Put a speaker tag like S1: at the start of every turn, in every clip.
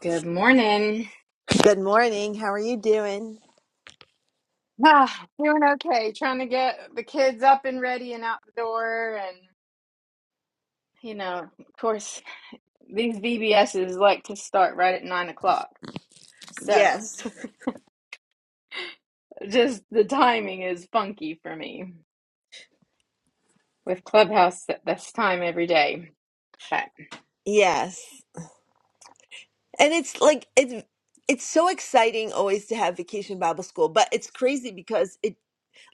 S1: Good morning.
S2: Good morning. How are you doing?
S1: Ah, doing okay. Trying to get the kids up and ready and out the door. And, you know, of course, these VBSs like to start right at nine o'clock. So
S2: Yes.
S1: just the timing is funky for me with Clubhouse at this time every day. But
S2: Yes. And it's like it's it's so exciting always to have vacation Bible school, but it's crazy because it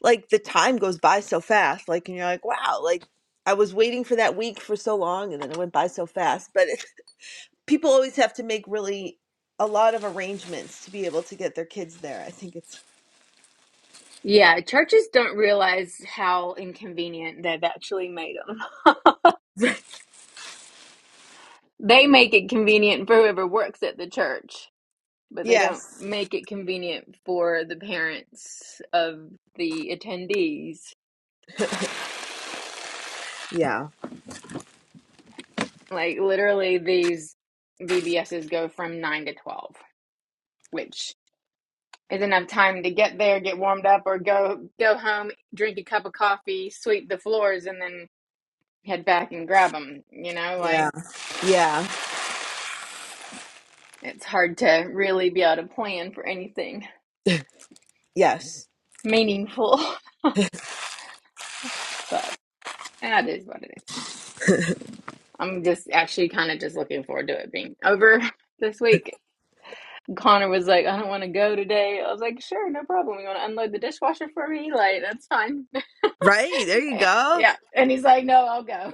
S2: like the time goes by so fast. Like and you're like, wow, like I was waiting for that week for so long and then it went by so fast. But it, people always have to make really a lot of arrangements to be able to get their kids there. I think it's
S1: yeah, churches don't realize how inconvenient they've actually made them. They make it convenient for whoever works at the church. but they don't
S2: Yes.
S1: make it convenient for the parents of the attendees.
S2: Yeah.
S1: Like literally these VBSs go from 9 to 12, which is enough time to get there, get warmed up or go go home, drink a cup of coffee, sweep the floors and then head back and grab them, you know,
S2: Yeah.
S1: like
S2: Yeah.
S1: it's hard to really be able to plan for anything
S2: Yes.
S1: meaningful, but that is what it is. I'm just actually kind of just looking forward to it being over this week Connor was like, I don't want to go today. I was like, sure, no problem. You want to unload the dishwasher for me? Like, that's fine.
S2: Right? There you go.
S1: yeah. And he's like, no, I'll go.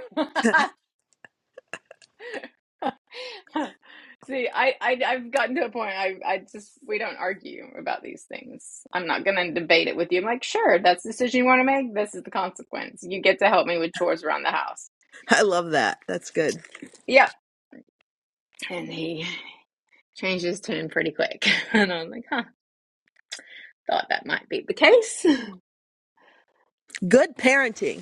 S1: See, I, I, I've gotten to a point, I, I just, we don't argue about these things. I'm not going to debate it with you. I'm like, sure, that's the decision you want to make. This is the consequence. You get to help me with chores around the house.
S2: I love that. That's good.
S1: Yep. And he changed his tune pretty quick. And I was like, huh, thought that might be the case.
S2: Good parenting.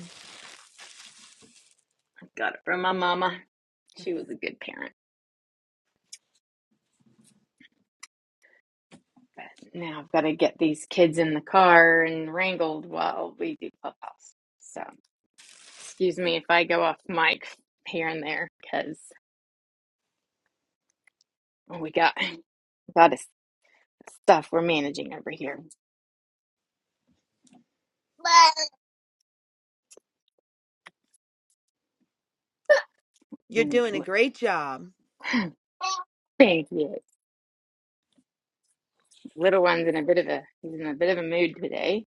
S1: Got it from my mama. She was a good parent. Now I've got to get these kids in the car and wrangled while we do clubhouse. So excuse me if I go off mic here and there because we got a lot of stuff we're managing over here.
S2: You're
S1: And
S2: doing a
S1: look,
S2: great job.
S1: Thank you. Little one's in a bit of a he's in a bit of a mood today.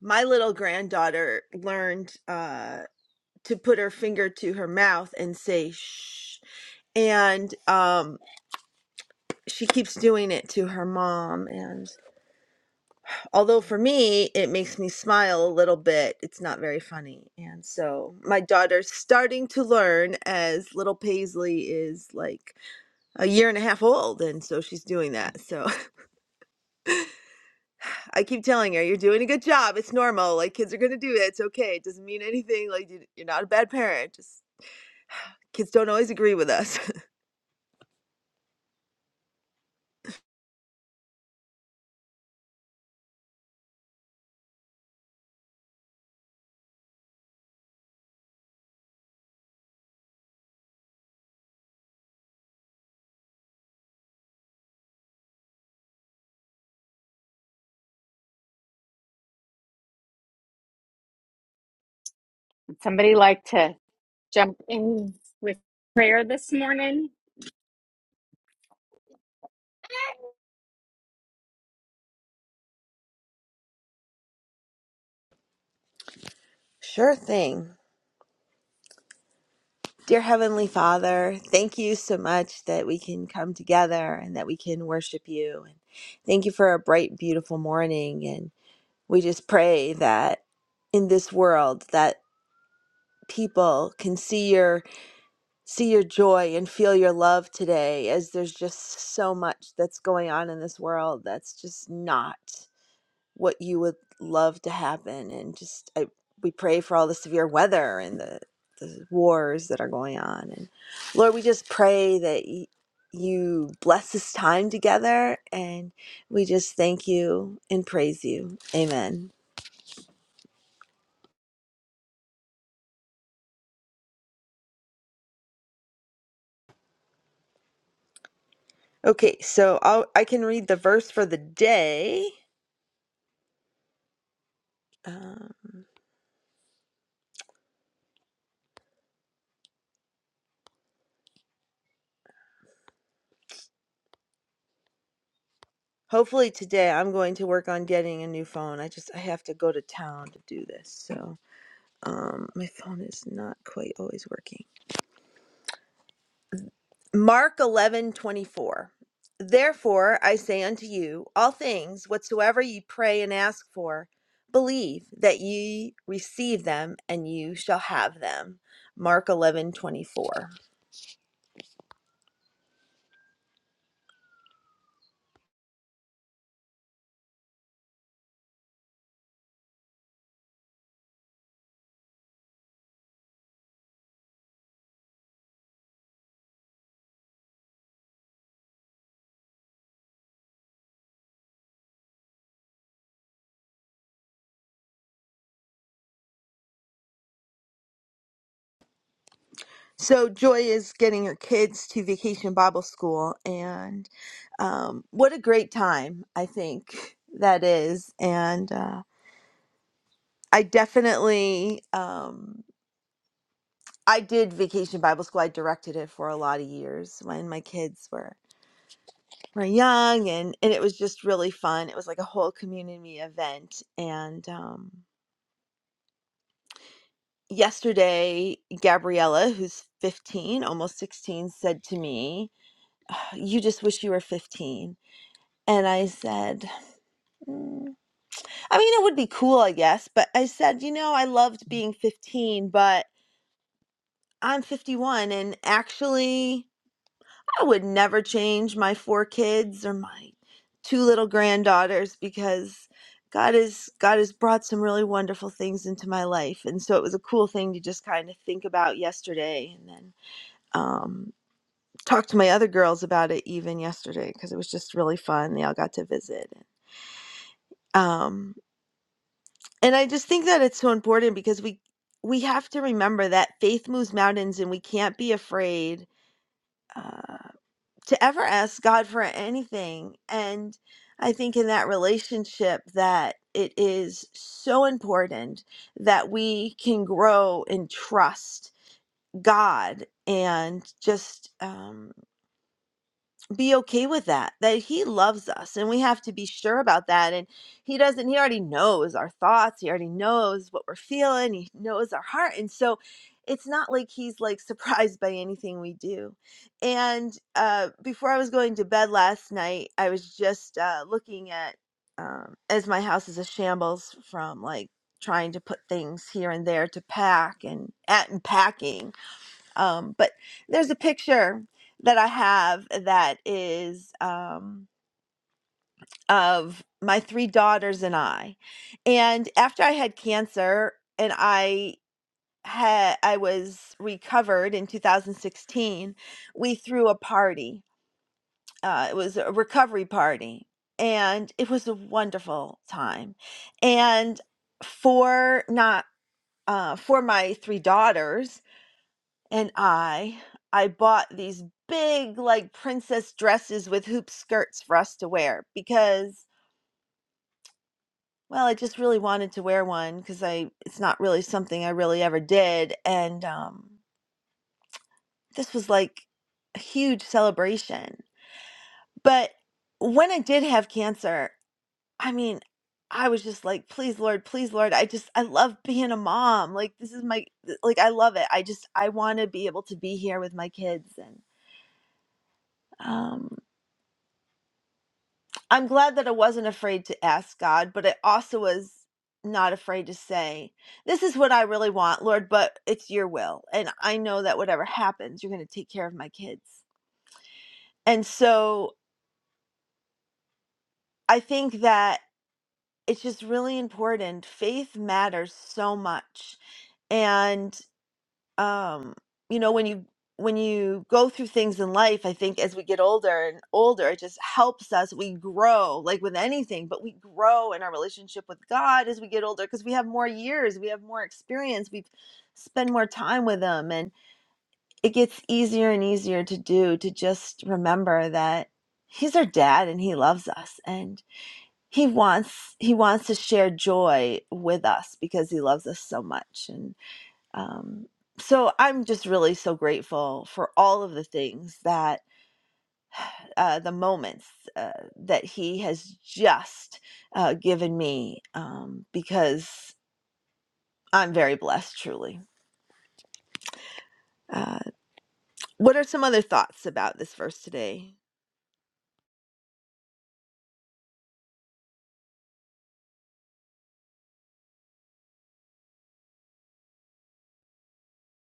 S2: My little granddaughter learned uh, to put her finger to her mouth and say shh. And um, she keeps doing it to her mom. And although for me, it makes me smile a little bit, it's not very funny. And so my daughter's starting to learn as little Paisley is like a year and a half old. And so she's doing that. So I keep telling her, you're doing a good job. It's normal. Like kids are gonna do it. It's okay. It doesn't mean anything. Like you- you're not a bad parent. Just kids don't always agree with us.
S1: Would somebody like to? jump in with prayer this morning.
S2: Sure thing. Dear Heavenly Father, thank you so much that we can come together and that we can worship you. And thank you for a bright, beautiful morning. And we just pray that in this world that people can see your see your joy and feel your love today as there's just so much that's going on in this world that's just not what you would love to happen and just I, we pray for all the severe weather and the the wars that are going on and lord we just pray that y- you bless this time together and we just thank you and praise you amen okay so I'll, i can read the verse for the day Um, Hopefully today I'm going to work on getting a new phone. I just I have to go to town to do this. So um my phone is not quite always working. Mark 11:24. Therefore I say unto you, all things whatsoever ye pray and ask for, believe that ye receive them and you shall have them. Mark 11:24. So Joy is getting her kids to Vacation Bible School, and um, what a great time I think that is. And uh, I definitely, um, I did Vacation Bible School. I directed it for a lot of years when my kids were were young, and and it was just really fun. It was like a whole community event, and. Um, Yesterday, Gabriella, who's 15, almost 16, said to me, You just wish you were 15." And I said, "Mm, I mean, it would be cool, I guess, but I said, you know, I loved being 15, but I'm 51, and actually, I would never change my four kids or my two little granddaughters because God has God has brought some really wonderful things into my life, and so it was a cool thing to just kind of think about yesterday, and then um, talk to my other girls about it even yesterday because it was just really fun. They all got to visit. Um, And I just think that it's so important because we we have to remember that faith moves mountains and we can't be afraid uh, to ever ask God for anything. And I think in that relationship that it is so important that we can grow and trust God and just um, be okay with that that he loves us and we have to be sure about that and he doesn't he already knows our thoughts he already knows what we're feeling he knows our heart and so it's not like he's like surprised by anything we do and uh before i was going to bed last night i was just uh looking at um as my house is a shambles from like trying to put things here and there to pack and at and packing um, but there's a picture that I have that is um, of my three daughters and I. And after I had cancer and I had I was recovered in 2016, we threw a party. Uh, it was a recovery party, and it was a wonderful time. And for not uh, for my three daughters and I I bought these big like princess dresses with hoop skirts for us to wear because well I just really wanted to wear one because I it's not really something I really ever did and um this was like a huge celebration but when I did have cancer I mean I was just like please lord please lord I just I love being a mom like this is my like I love it I just I want to be able to be here with my kids and um. I'm glad that I wasn't afraid to ask God, but I also was not afraid to say, This is what I really want, Lord, but it's your will. And I know that whatever happens, you're going to take care of my kids. And so I think that it's just really important. Faith matters so much. and. um you know when you when you go through things in life i think as we get older and older it just helps us we grow like with anything but we grow in our relationship with god as we get older because we have more years we have more experience we spend more time with him and it gets easier and easier to do to just remember that he's our dad and he loves us and he wants he wants to share joy with us because he loves us so much um, so i'm just really so grateful for all of the things that uh, the moments uh, that he has just uh, given me um, because i'm very blessed truly uh, what are some other thoughts about this verse today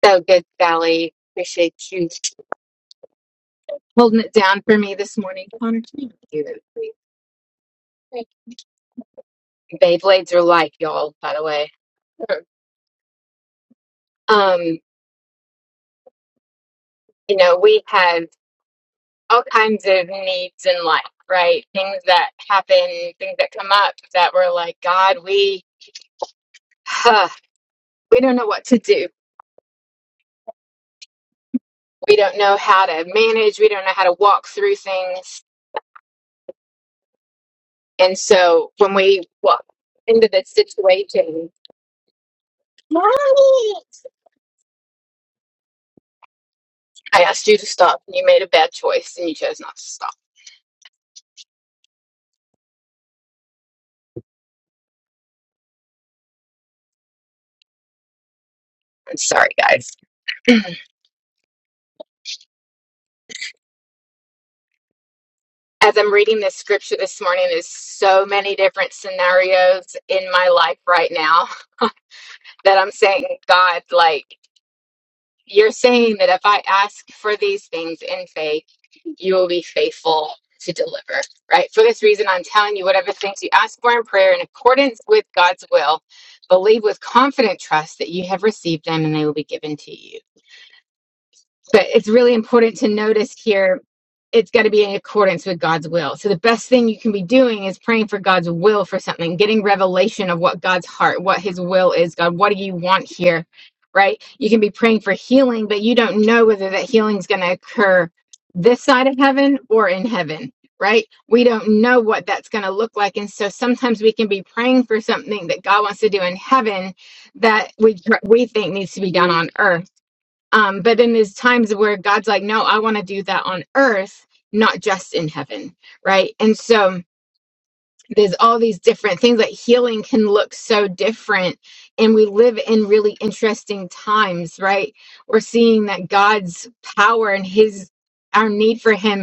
S1: So good, Sally. Appreciate you holding it down for me this morning. Connor, can you do that, please? Thank you. Beyblades are life, y'all, by the way. Sure. Um, you know, we have all kinds of needs in life, right? Things that happen, things that come up that we're like, God, we, huh, we don't know what to do. We don't know how to manage. We don't know how to walk through things And so when we walked into that situation, Mommy! I asked you to stop, and you made a bad choice, and you chose not to stop. I'm sorry, guys. As I'm reading this scripture this morning, there's so many different scenarios in my life right now that I'm saying, God, like. You're saying that if I ask for these things in faith, you will be faithful to deliver, right? For this reason, I'm telling you, whatever things you ask for in prayer in accordance with God's will, believe with confident trust that you have received them and they will be given to you but it's really important to notice here it's got to be in accordance with God's will. So the best thing you can be doing is praying for God's will for something, getting revelation of what God's heart, what his will is. God, what do you want here? Right? You can be praying for healing, but you don't know whether that healing is going to occur this side of heaven or in heaven. Right? We don't know what that's going to look like. And so sometimes we can be praying for something that God wants to do in heaven that we, we think needs to be done on earth um, but then there's times where God's like, no, I want to do that on earth, not just in heaven, right? And so there's all these different things like healing can look so different. And we live in really interesting times, right? We're seeing that God's power and his our need for him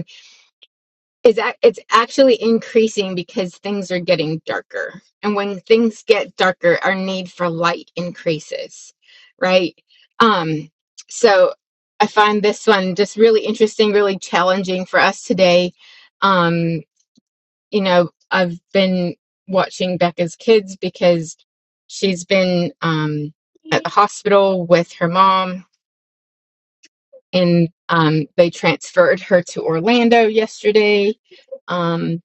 S1: is ac it's actually increasing because things are getting darker. And when things get darker, our need for light increases, right? Um, so I find this one just really interesting, really challenging for us today. Um, you know, I've been watching Becca's kids because she's been um, at the hospital with her mom, and um, they transferred her to Orlando yesterday. Um,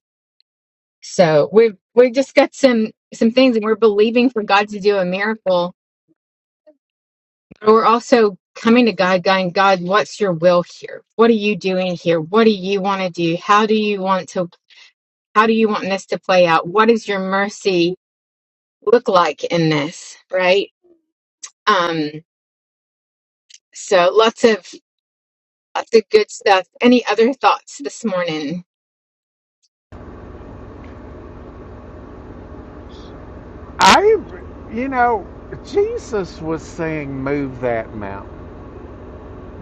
S1: So we've we've just got some some things and we're believing for God to do a miracle, but we're also coming to God, going, God, what's your will here? What are you doing here? What do you want to do? How do you want to how do you want this to play out? What does your mercy look like in this? Right? Um, so lots of lots of good stuff. Any other thoughts this morning?
S3: I, you know, Jesus was saying, move that mountain,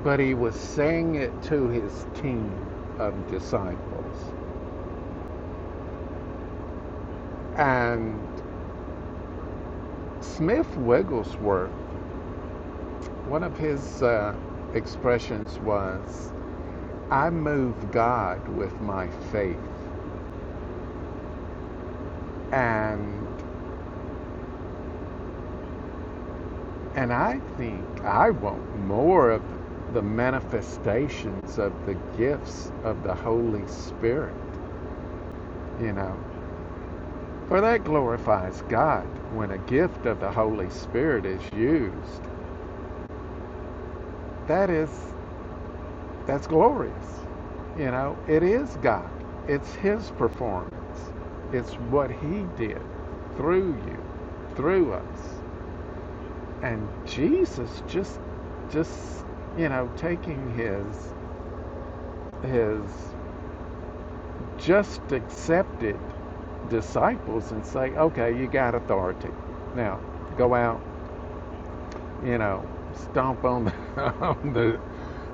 S3: but he was saying it to his team of disciples. And Smith Wigglesworth, one of his uh, expressions was, I move God with my faith. And, and I think I want more of the manifestations of the gifts of the Holy Spirit, you know. For that glorifies God when a gift of the Holy Spirit is used. That is, that's glorious. You know, it is God, it's His performance, it's what He did through you, through us. And Jesus just, just, you know, taking His, His just accepted disciples and say, okay, you got authority. Now, go out you know, stomp on the, on the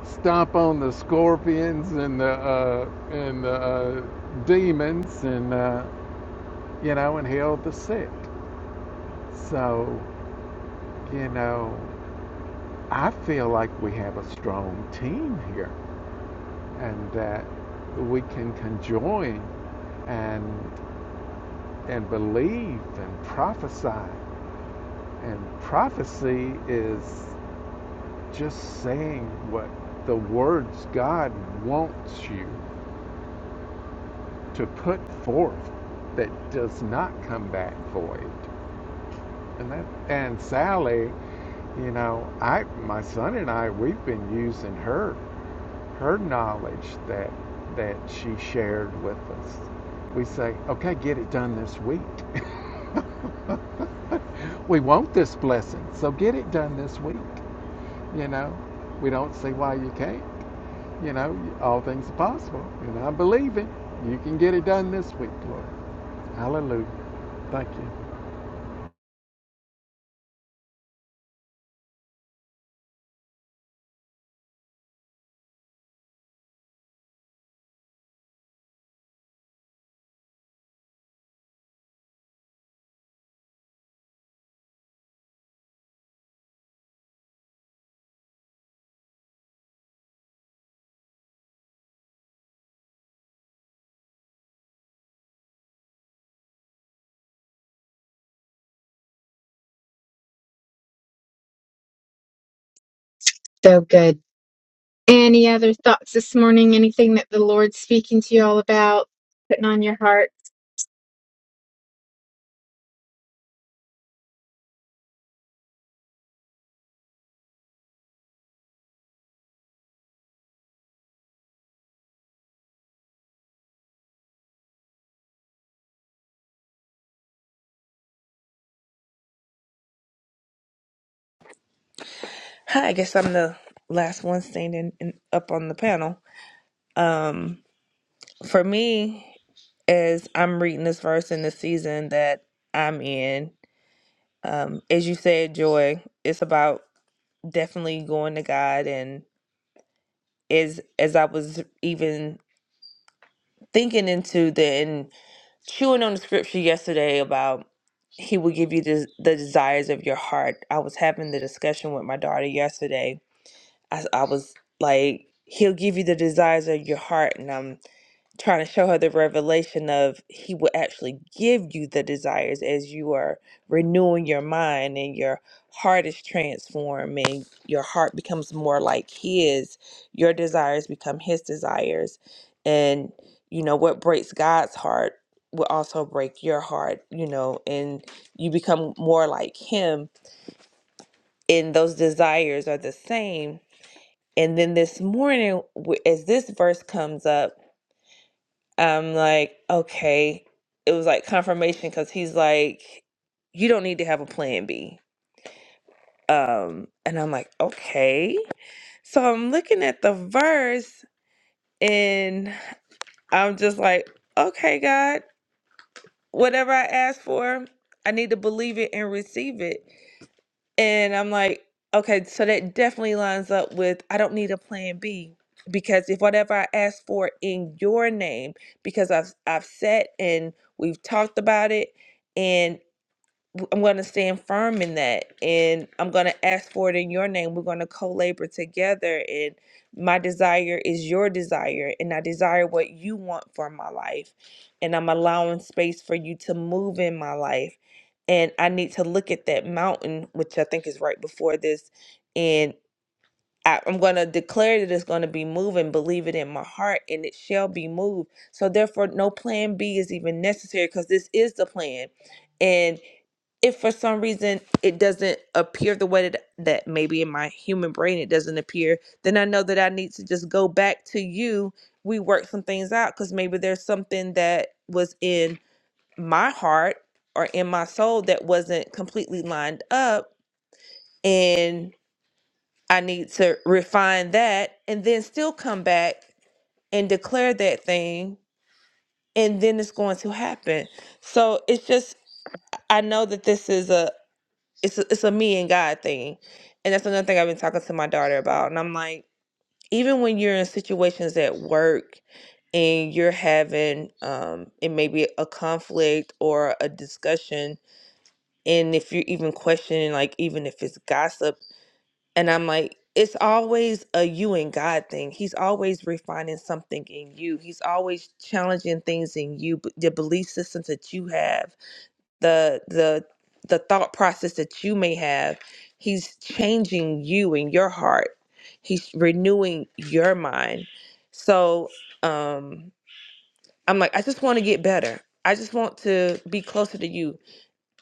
S3: stomp on the scorpions and the uh, and the uh, demons and uh, you know and heal the sick. So you know, I feel like we have a strong team here, and that we can conjoin and and believe and prophesy. And prophecy is just saying what the words God wants you to put forth that does not come back void. And that and Sally, you know, I my son and I we've been using her her knowledge that that she shared with us. We say, okay, get it done this week. we want this blessing, so get it done this week. You know, we don't see why you can't. You know, all things are possible, and I believe it. You can get it done this week, Lord. Hallelujah. Thank you.
S1: So good. Any other thoughts this morning? Anything that the Lord's speaking to you all about, putting on your heart?
S4: I guess I'm the last one standing in, up on the panel. Um, for me, as I'm reading this verse in the season that I'm in, um, as you said, Joy, it's about definitely going to God. And as as I was even thinking into the and chewing on the scripture yesterday about He will give you the, the desires of your heart. I was having the discussion with my daughter yesterday I, I was like, He'll give you the desires of your heart. And I'm trying to show her the revelation of He will actually give you the desires as you are renewing your mind and your heart is transformed and your heart becomes more like His. Your desires become His desires. And, you know, what breaks God's heart will also break your heart, you know, and you become more like Him. And those desires are the same and then this morning, w- as this verse comes up, I'm like, okay, it was like confirmation because he's like, you don't need to have a plan B. Um, and I'm like, okay. So I'm looking at the verse and I'm just like, okay, God, whatever I ask for, I need to believe it and receive it. And I'm like, okay, so that definitely lines up with I don't need a plan B because if whatever I ask for in your name, because I've I've said and we've talked about it and w- I'm going to stand firm in that and I'm going to ask for it in your name. We're going to co labor together. And my desire is your desire. And I desire what you want for my life. And I'm allowing space for you to move in my life. And I need to look at that mountain, which I think is right before this. And I, I'm going to declare that it's going to be moving, believe it in my heart, and it shall be moved. So, therefore, no plan B is even necessary because this is the plan. And if for some reason it doesn't appear the way that, that maybe in my human brain it doesn't appear, then I know that I need to just go back to you. We work some things out because maybe there's something that was in my heart or in my soul that wasn't completely lined up. And I need to refine that and then still come back and declare that thing. And then it's going to happen. So it's just, I know that this is it's a, it's a me and God thing. And that's another thing I've been talking to my daughter about. And I'm like, even when you're in situations at work and you're having um it may be a conflict or a discussion and if you're even questioning like even if it's gossip and I'm like it's always a you and God thing. He's always refining something in you. He's always challenging things in you, b- the belief systems that you have the the the thought process that you may have he's changing you and your heart he's renewing your mind so um i'm like i just want to get better i just want to be closer to you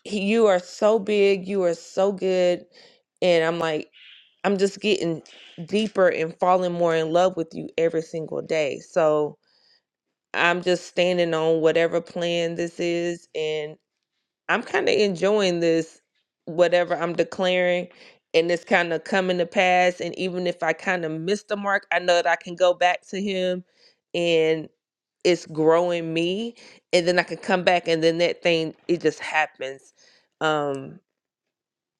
S4: he, you are so big you are so good and i'm like i'm just getting deeper and falling more in love with you every single day so i'm just standing on whatever plan this is and. I'm kind of enjoying this, whatever I'm declaring, and it's kind of coming to pass. And even if I kind of miss the mark, I know that I can go back to Him and it's growing me. And then I can come back, and then that thing, it just happens. Um,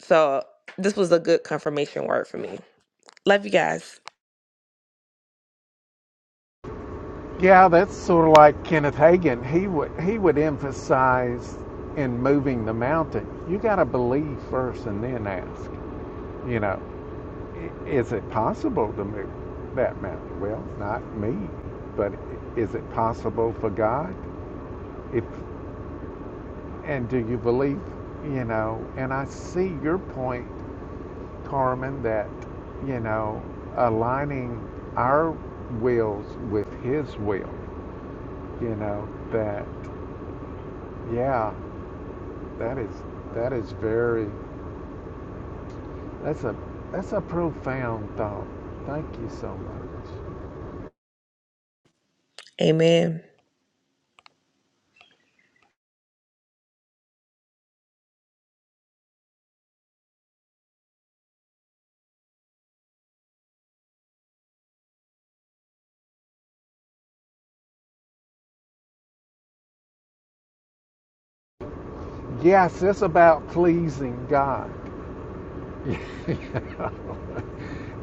S4: so this was a good confirmation word for me. Love you guys.
S3: Yeah, that's sort of like Kenneth Hagin. He would he would emphasize in moving the mountain. You got to believe first and then ask. You know, is it possible to move that mountain? Well, not me, but is it possible for God? If and do you believe? You know, and I see your point, Carmen, that you know aligning our wills with His will you know that yeah that is that is very that's a that's a profound thought thank you so much
S4: Amen.
S3: yes it's about pleasing god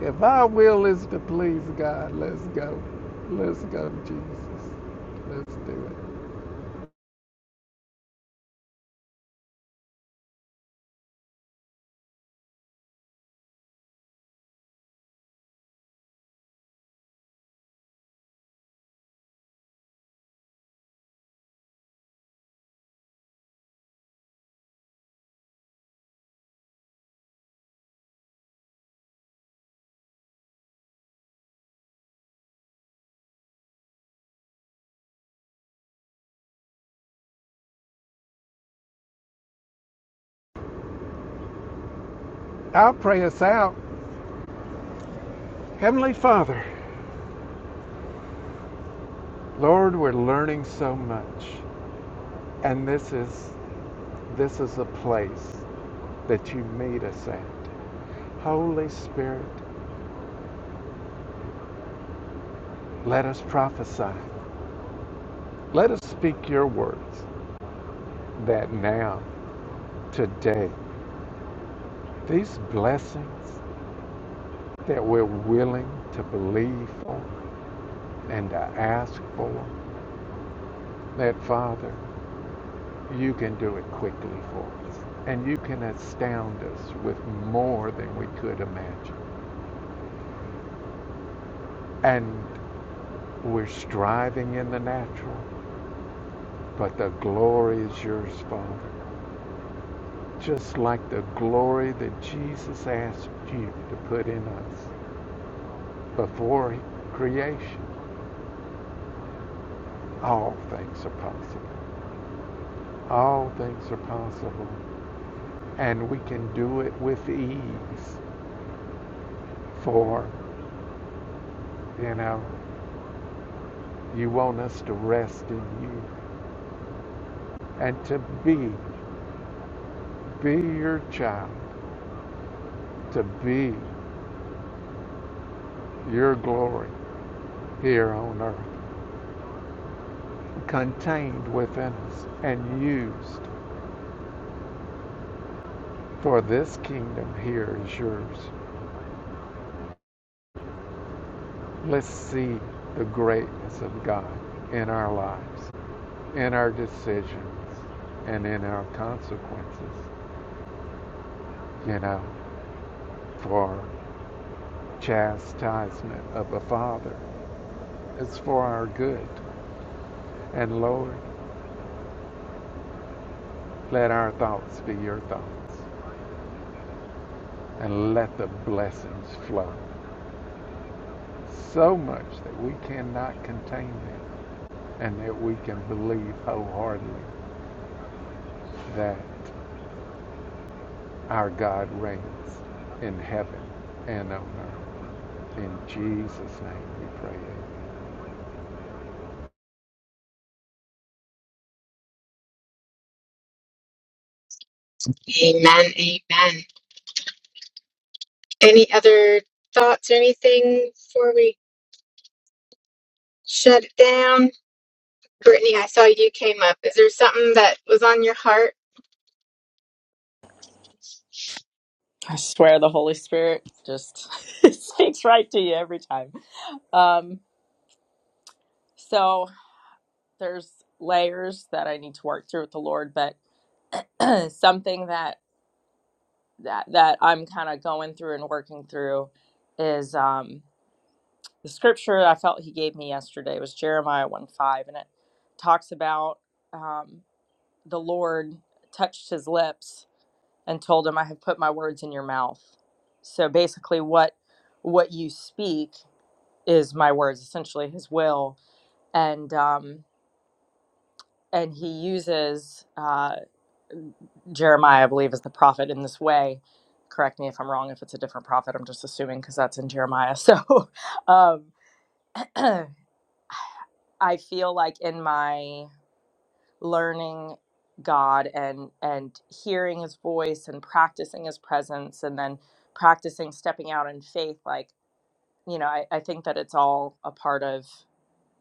S3: if our will is to please god let's go let's go jesus let's do it i'll pray us out heavenly father lord we're learning so much and this is this is a place that you meet us at Holy Spirit, let us prophesy. Let us speak your words that now, today, these blessings that we're willing to believe for and to ask for, that Father, you can do it quickly for us. And you can astound us with more than we could imagine. And we're striving in the natural, but the glory is yours, Father. just like the glory that Jesus asked you to put in us before creation. All things are possible. All things are possible. And we can do it with ease. For, you know, you want us to rest in you and to be, be your child, to be your glory here on earth, contained within us and used for this kingdom here is yours. Let's see the greatness of God in our lives, in our decisions, and in our consequences. You know, for chastisement of a father it's for our good. And Lord, let our thoughts be your thoughts, and let the blessings flow so much that we cannot contain them, and that we can believe wholeheartedly that our God reigns in heaven and on earth. In Jesus' name we pray it.
S1: Amen. Amen. Any other thoughts or anything before we shut it down? Brittany, I saw you came up. Is there something that was on your heart?
S5: I swear the Holy Spirit just speaks right to you every time. Um, so there's layers that I need to work through with the Lord, but something that that that I'm kind of going through and working through is um, the scripture I felt He gave me yesterday was Jeremiah one five, and it talks about um, the Lord touched his lips and told him, "I have put my words in your mouth." So basically, what what you speak is my words essentially his will and um and he uses uh jeremiah i believe as the prophet in this way correct me if i'm wrong if it's a different prophet i'm just assuming because that's in jeremiah so um i feel like in my learning god and and hearing his voice and practicing his presence and then practicing stepping out in faith like you know i, I think that it's all a part of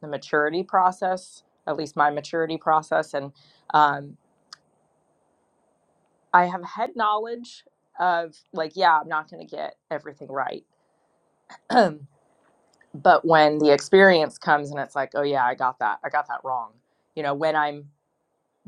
S5: the maturity process, at least my maturity process. And um, I have had knowledge of, like, yeah, I'm not going to get everything right. but when the experience comes and it's like, oh, yeah, I got that. I got that wrong. You know, when I'm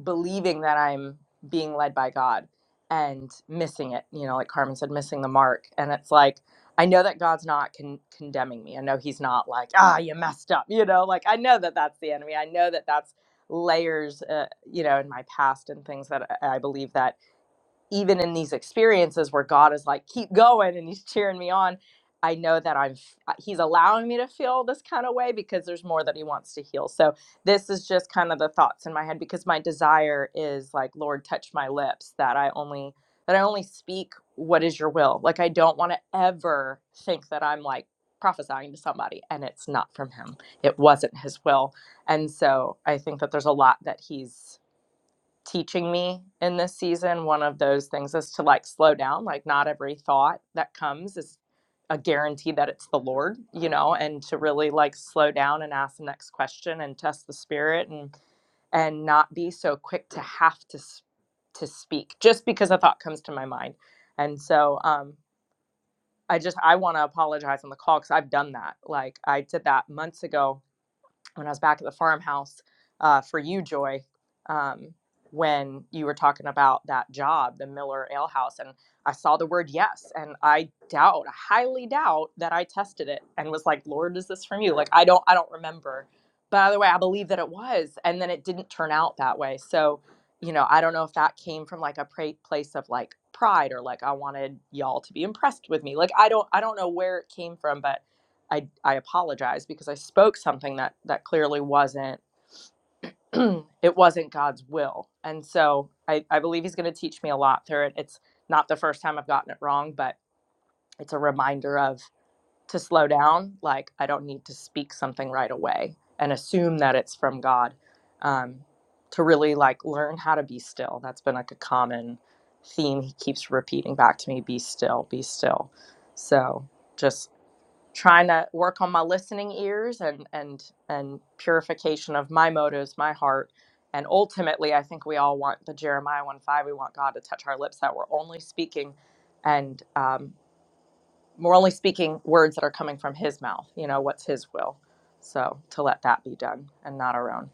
S5: believing that I'm being led by God and missing it, you know, like Carmen said, missing the mark. And it's like, I know that God's not con- condemning me. I know He's not like, ah, you messed up, you know, like I know that that's the enemy. I know that that's layers, uh, you know, in my past and things that I I believe that even in these experiences where God is like, keep going and he's cheering me on, I know that I'm he's allowing me to feel this kind of way because there's more that he wants to heal. So this is just kind of the thoughts in my head because my desire is like, Lord, touch my lips that I only that I only speak what is your will. Like I don't want to ever think that I'm like prophesying to somebody and it's not from him. It wasn't his will. And so I think that there's a lot that he's teaching me in this season. One of those things is to like slow down, like not every thought that comes is a guarantee that it's the Lord, you know, and to really like slow down and ask the next question and test the spirit and and not be so quick to have to s- to speak just because a thought comes to my mind. And so um I just I want to apologize on the call cuz I've done that. Like I did that months ago when I was back at the farmhouse uh, for you, Joy, um, when you were talking about that job, the Miller Ale House, and I saw the word yes, and I doubt, I highly doubt that I tested it and was like, "Lord, is this from you?" Like I don't, I don't remember. But either way, I believe that it was, and then it didn't turn out that way. So, you know, I don't know if that came from like a pra- place of like pride or like I wanted y'all to be impressed with me. Like I don't, I don't know where it came from, but I I apologize because I spoke something that that clearly wasn't it wasn't God's will. And so I, I believe he's gonna teach me a lot through it. It's not the first time I've gotten it wrong, but it's a reminder of to slow down. Like I don't need to speak something right away and assume that it's from God. Um, to really like learn how to be still. That's been like a common theme he keeps repeating back to me, be still, be still. So just trying to work on my listening ears and and and purification of my motives my heart and ultimately i think we all want the jeremiah 1 5 we want god to touch our lips that we're only speaking and um, we're only speaking words that are coming from his mouth you know what's his will so to let that be done and not our own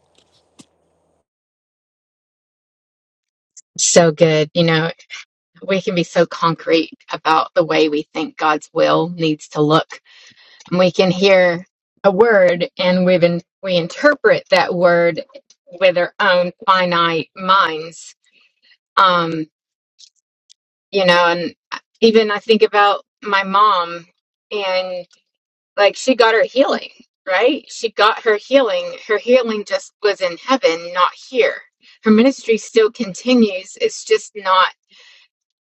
S1: So good. You know, we can be so concrete about the way we think God's will needs to look. And we can hear a word and we in, we interpret that word with our own finite minds. Um, you know, and even I think about my mom and. like she got her healing, right? She got her healing. Her healing just was in heaven, not here. Her ministry still continues. It's just not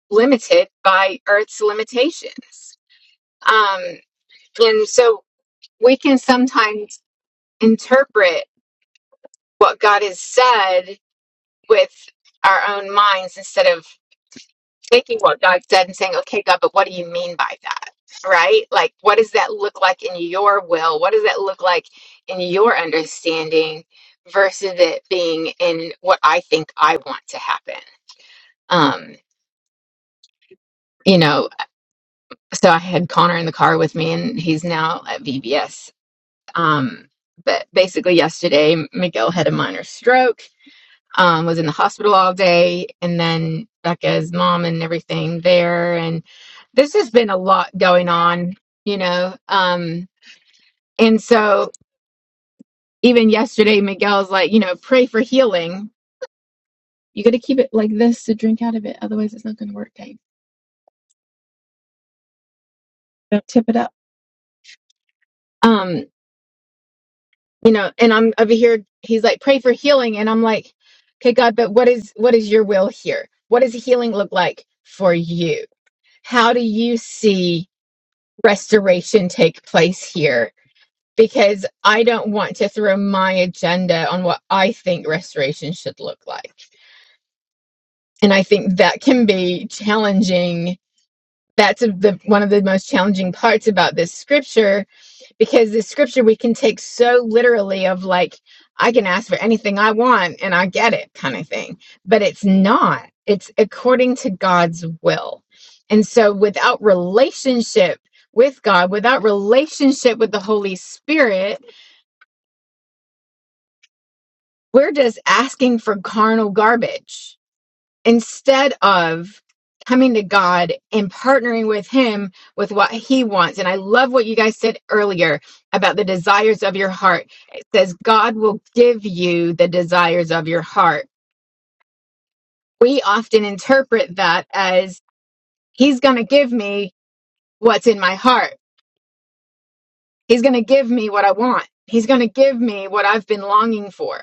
S1: limited by earth's limitations. Um, and so we can sometimes interpret what God has said with our own minds instead of taking what God said and saying, okay, God, but what do you mean by that? Right? Like, what does that look like in your will? What does that look like in your understanding versus it being in what I think I want to happen? Um, you know, so I had Connor in the car with me and he's now at VBS. Um, but basically, yesterday, Miguel had a minor stroke um, was in the hospital all day, and then Becca's mom and everything there. And this has been a lot going on, you know. Um, and so even yesterday, Miguel's like, you know, pray for healing. You got to keep it like this to drink out of it, otherwise it's not going to work. Dave. Don't tip it up. Um, you know, and I'm over here. He's like, pray for healing, and I'm like, okay, God, but what is what is your will here? What does healing look like for you? How do you see? restoration take place here because I don't want to throw my agenda on what I think restoration should look like. And I think that can be challenging. That's the, one of the most challenging parts about this scripture because the scripture we can take so literally of like i can ask for anything i want and i get it kind of thing but it's not it's according to god's will and so without relationship with god without relationship with the holy spirit we're just asking for carnal garbage instead of coming to God and partnering with Him with what He wants. And I love what you guys said earlier about the desires of your heart. It says, God will give you the desires of your heart. We often interpret that as He's going to give me what's in my heart, He's going to give me what I want, He's going to give me what I've been longing for.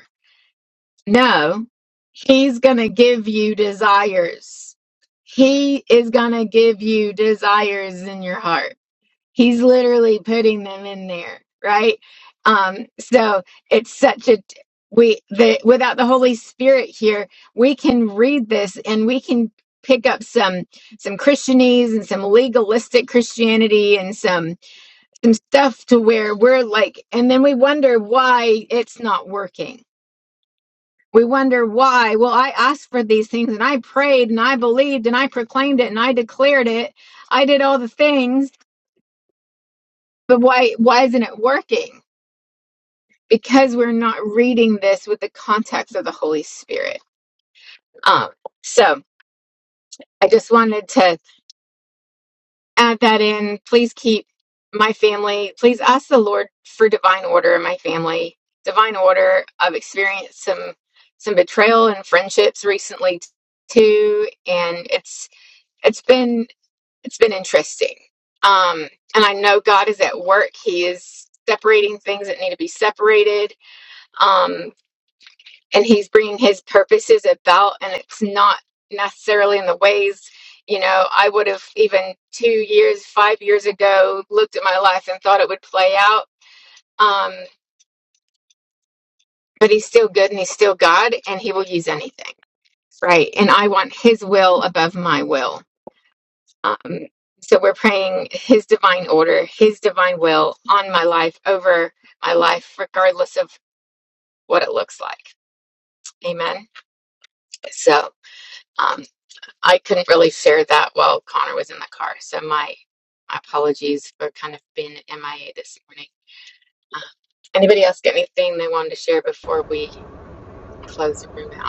S1: No, he's going to give you desires. He is going to give you desires in your heart. He's literally putting them in there, right? Um, so it's such a we the without the Holy Spirit here, we can read this and we can pick up some some Christianese and some legalistic Christianity and some some stuff to where we're like, and then we wonder why it's not working we wonder why. Well, I asked for these things and I prayed and I believed and I proclaimed it and I declared it. I did all the things, but why why isn't it working? Because we're not reading this with the context of the Holy Spirit. Um, so I just wanted to add that in. Please keep my family, please ask the Lord for divine order in my family, divine order. I've experienced some some betrayal and friendships recently t- too, and it's it's been it's been interesting. Um, and I know God is at work. He is separating things that need to be separated. Um, and he's bringing his purposes about, and it's not necessarily in the ways, you know, I would have even two years, five years ago looked at my life and thought it would play out. Um, but he's still good and he's still God and he will use anything. Right. And I want his will above my will. Um, so we're praying His divine order, His divine will on my life, over my life, regardless of what it looks like. Amen. So um, I couldn't really share that while Connor was in the car. So my, my apologies for kind of being MIA this morning. Uh, anybody else get anything they wanted to share before we close the room out?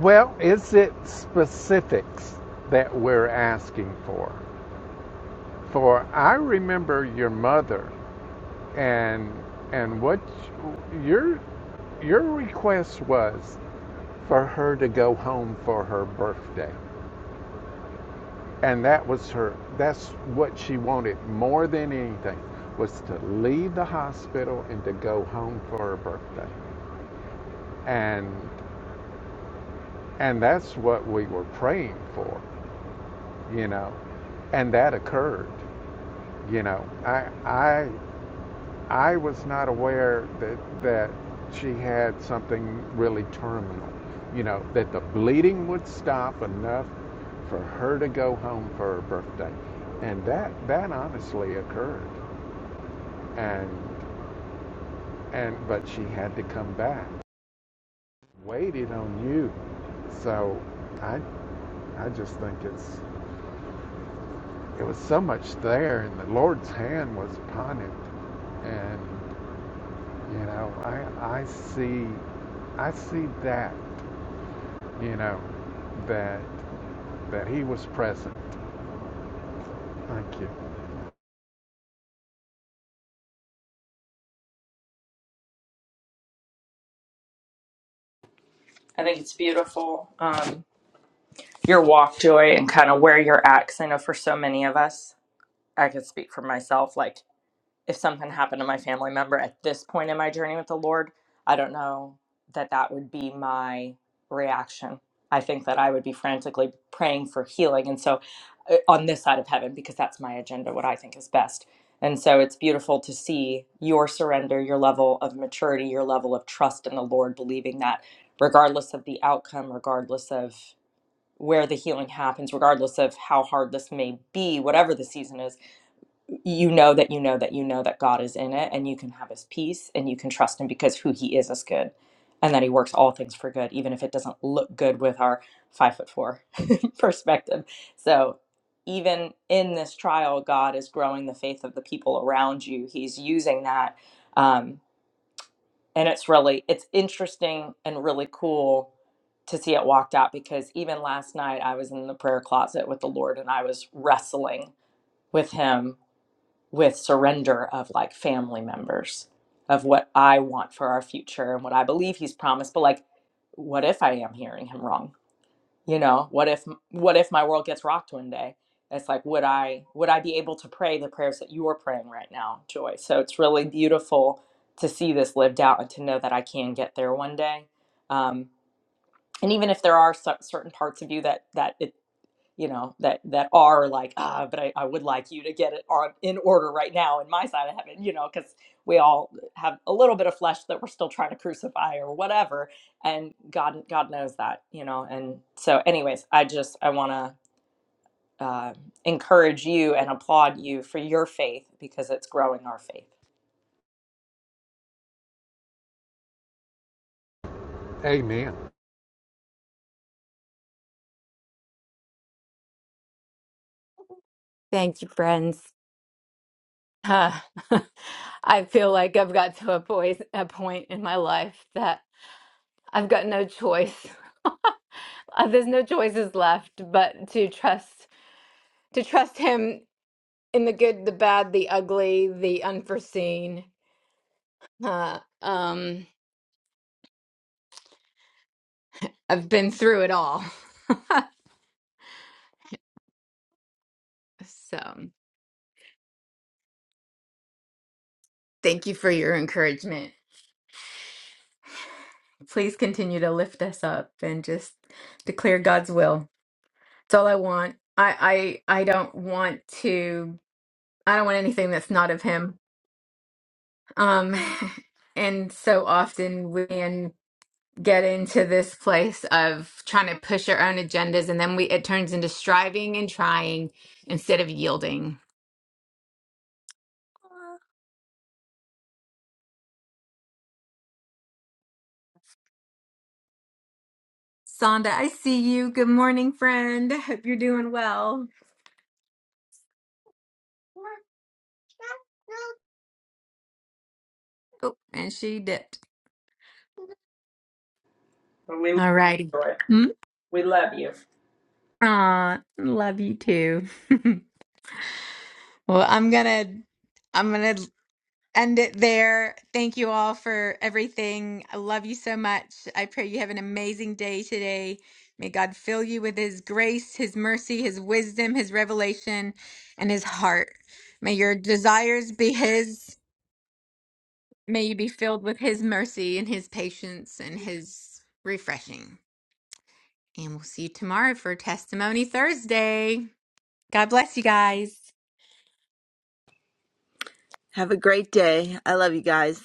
S3: Well, is it specifics that we're asking for? For I remember your mother and and what your your request was for her to go home for her birthday. And that was her that's what she wanted more than anything was to leave the hospital and to go home for her birthday. And and that's what we were praying for. you know, and that occurred. You know, I I I was not aware that that she had something really terminal. You know, that the bleeding would stop enough for her to go home for her birthday, and that that honestly occurred. And and but she had to come back. Waited on you, so I I just think it's it was so much there, and the Lord's hand was upon it, and You know, I I see I see that, you know, that that he was present. Thank you.
S5: i think it's beautiful um, your walk joy and kind of where you're at because i know for so many of us i could speak for myself like if something happened to my family member at this point in my journey with the Lord, I don't know that that would be my reaction. I think that I would be frantically praying for healing. And so uh, on this side of heaven, because that's my agenda, what I think is best. And so it's beautiful to see your surrender, your level of maturity, your level of trust in the Lord, believing that regardless of the outcome, regardless of where the healing happens, regardless of how hard this may be, whatever the season is, you know that you know that you know that God is in it and you can have his peace and you can trust him because who he is is good and that he works all things for good, even if it doesn't look good with our five foot four perspective. So even in this trial, God is growing the faith of the people around you. He's using that. Um, and it's really, it's interesting and really cool to see it walked out because even last night I was in the prayer closet with the Lord and I was wrestling with him with surrender of like family members of what I want for our future and what I believe he's promised but like what if I am hearing him wrong you know what if what if my world gets rocked one day it's like would I would I be able to pray the prayers that you're praying right now joy so it's really beautiful to see this lived out and to know that I can get there one day um and even if there are cer- certain parts of you that that it you know that that are like ah but I, I would like you to get it on in order right now in my side of heaven you know because we all have a little bit of flesh that we're still trying to crucify or whatever and god god knows that you know and so anyways i just i want to uh, encourage you and applaud you for your faith because it's growing our faith.
S3: Amen.
S1: Thank you, friends. Uh, I feel like I've got to a point, a point in my life that I've got no choice. Uh, There's no choices left but to trust to trust him in the good, the bad, the ugly, the unforeseen. Uh, um, I've been through it all, so. Thank you for your encouragement. Please continue to lift us up and just declare God's will. That's all I want. I I I don't want to I don't want anything that's not of him. Um and so often we can get into this place of trying to push our own agendas and then we it turns into striving and trying instead of yielding. Sonda, I see you. Good morning, friend. I hope you're doing well. Oh, and she dipped.
S5: Well, We love
S1: All righty.
S5: you.
S1: Mm,
S5: We love you.
S1: Aw, love you too. Well, I'm gonna I'm gonna end it there. Thank you all for everything. I love you so much. I pray you have an amazing day today. May God fill you with his grace, his mercy, his wisdom, his revelation, and his heart. May your desires be his. May you be filled with his mercy and his patience and his refreshing. And we'll see you tomorrow for Testimony Thursday. God bless you guys.
S2: have a great day i love you guys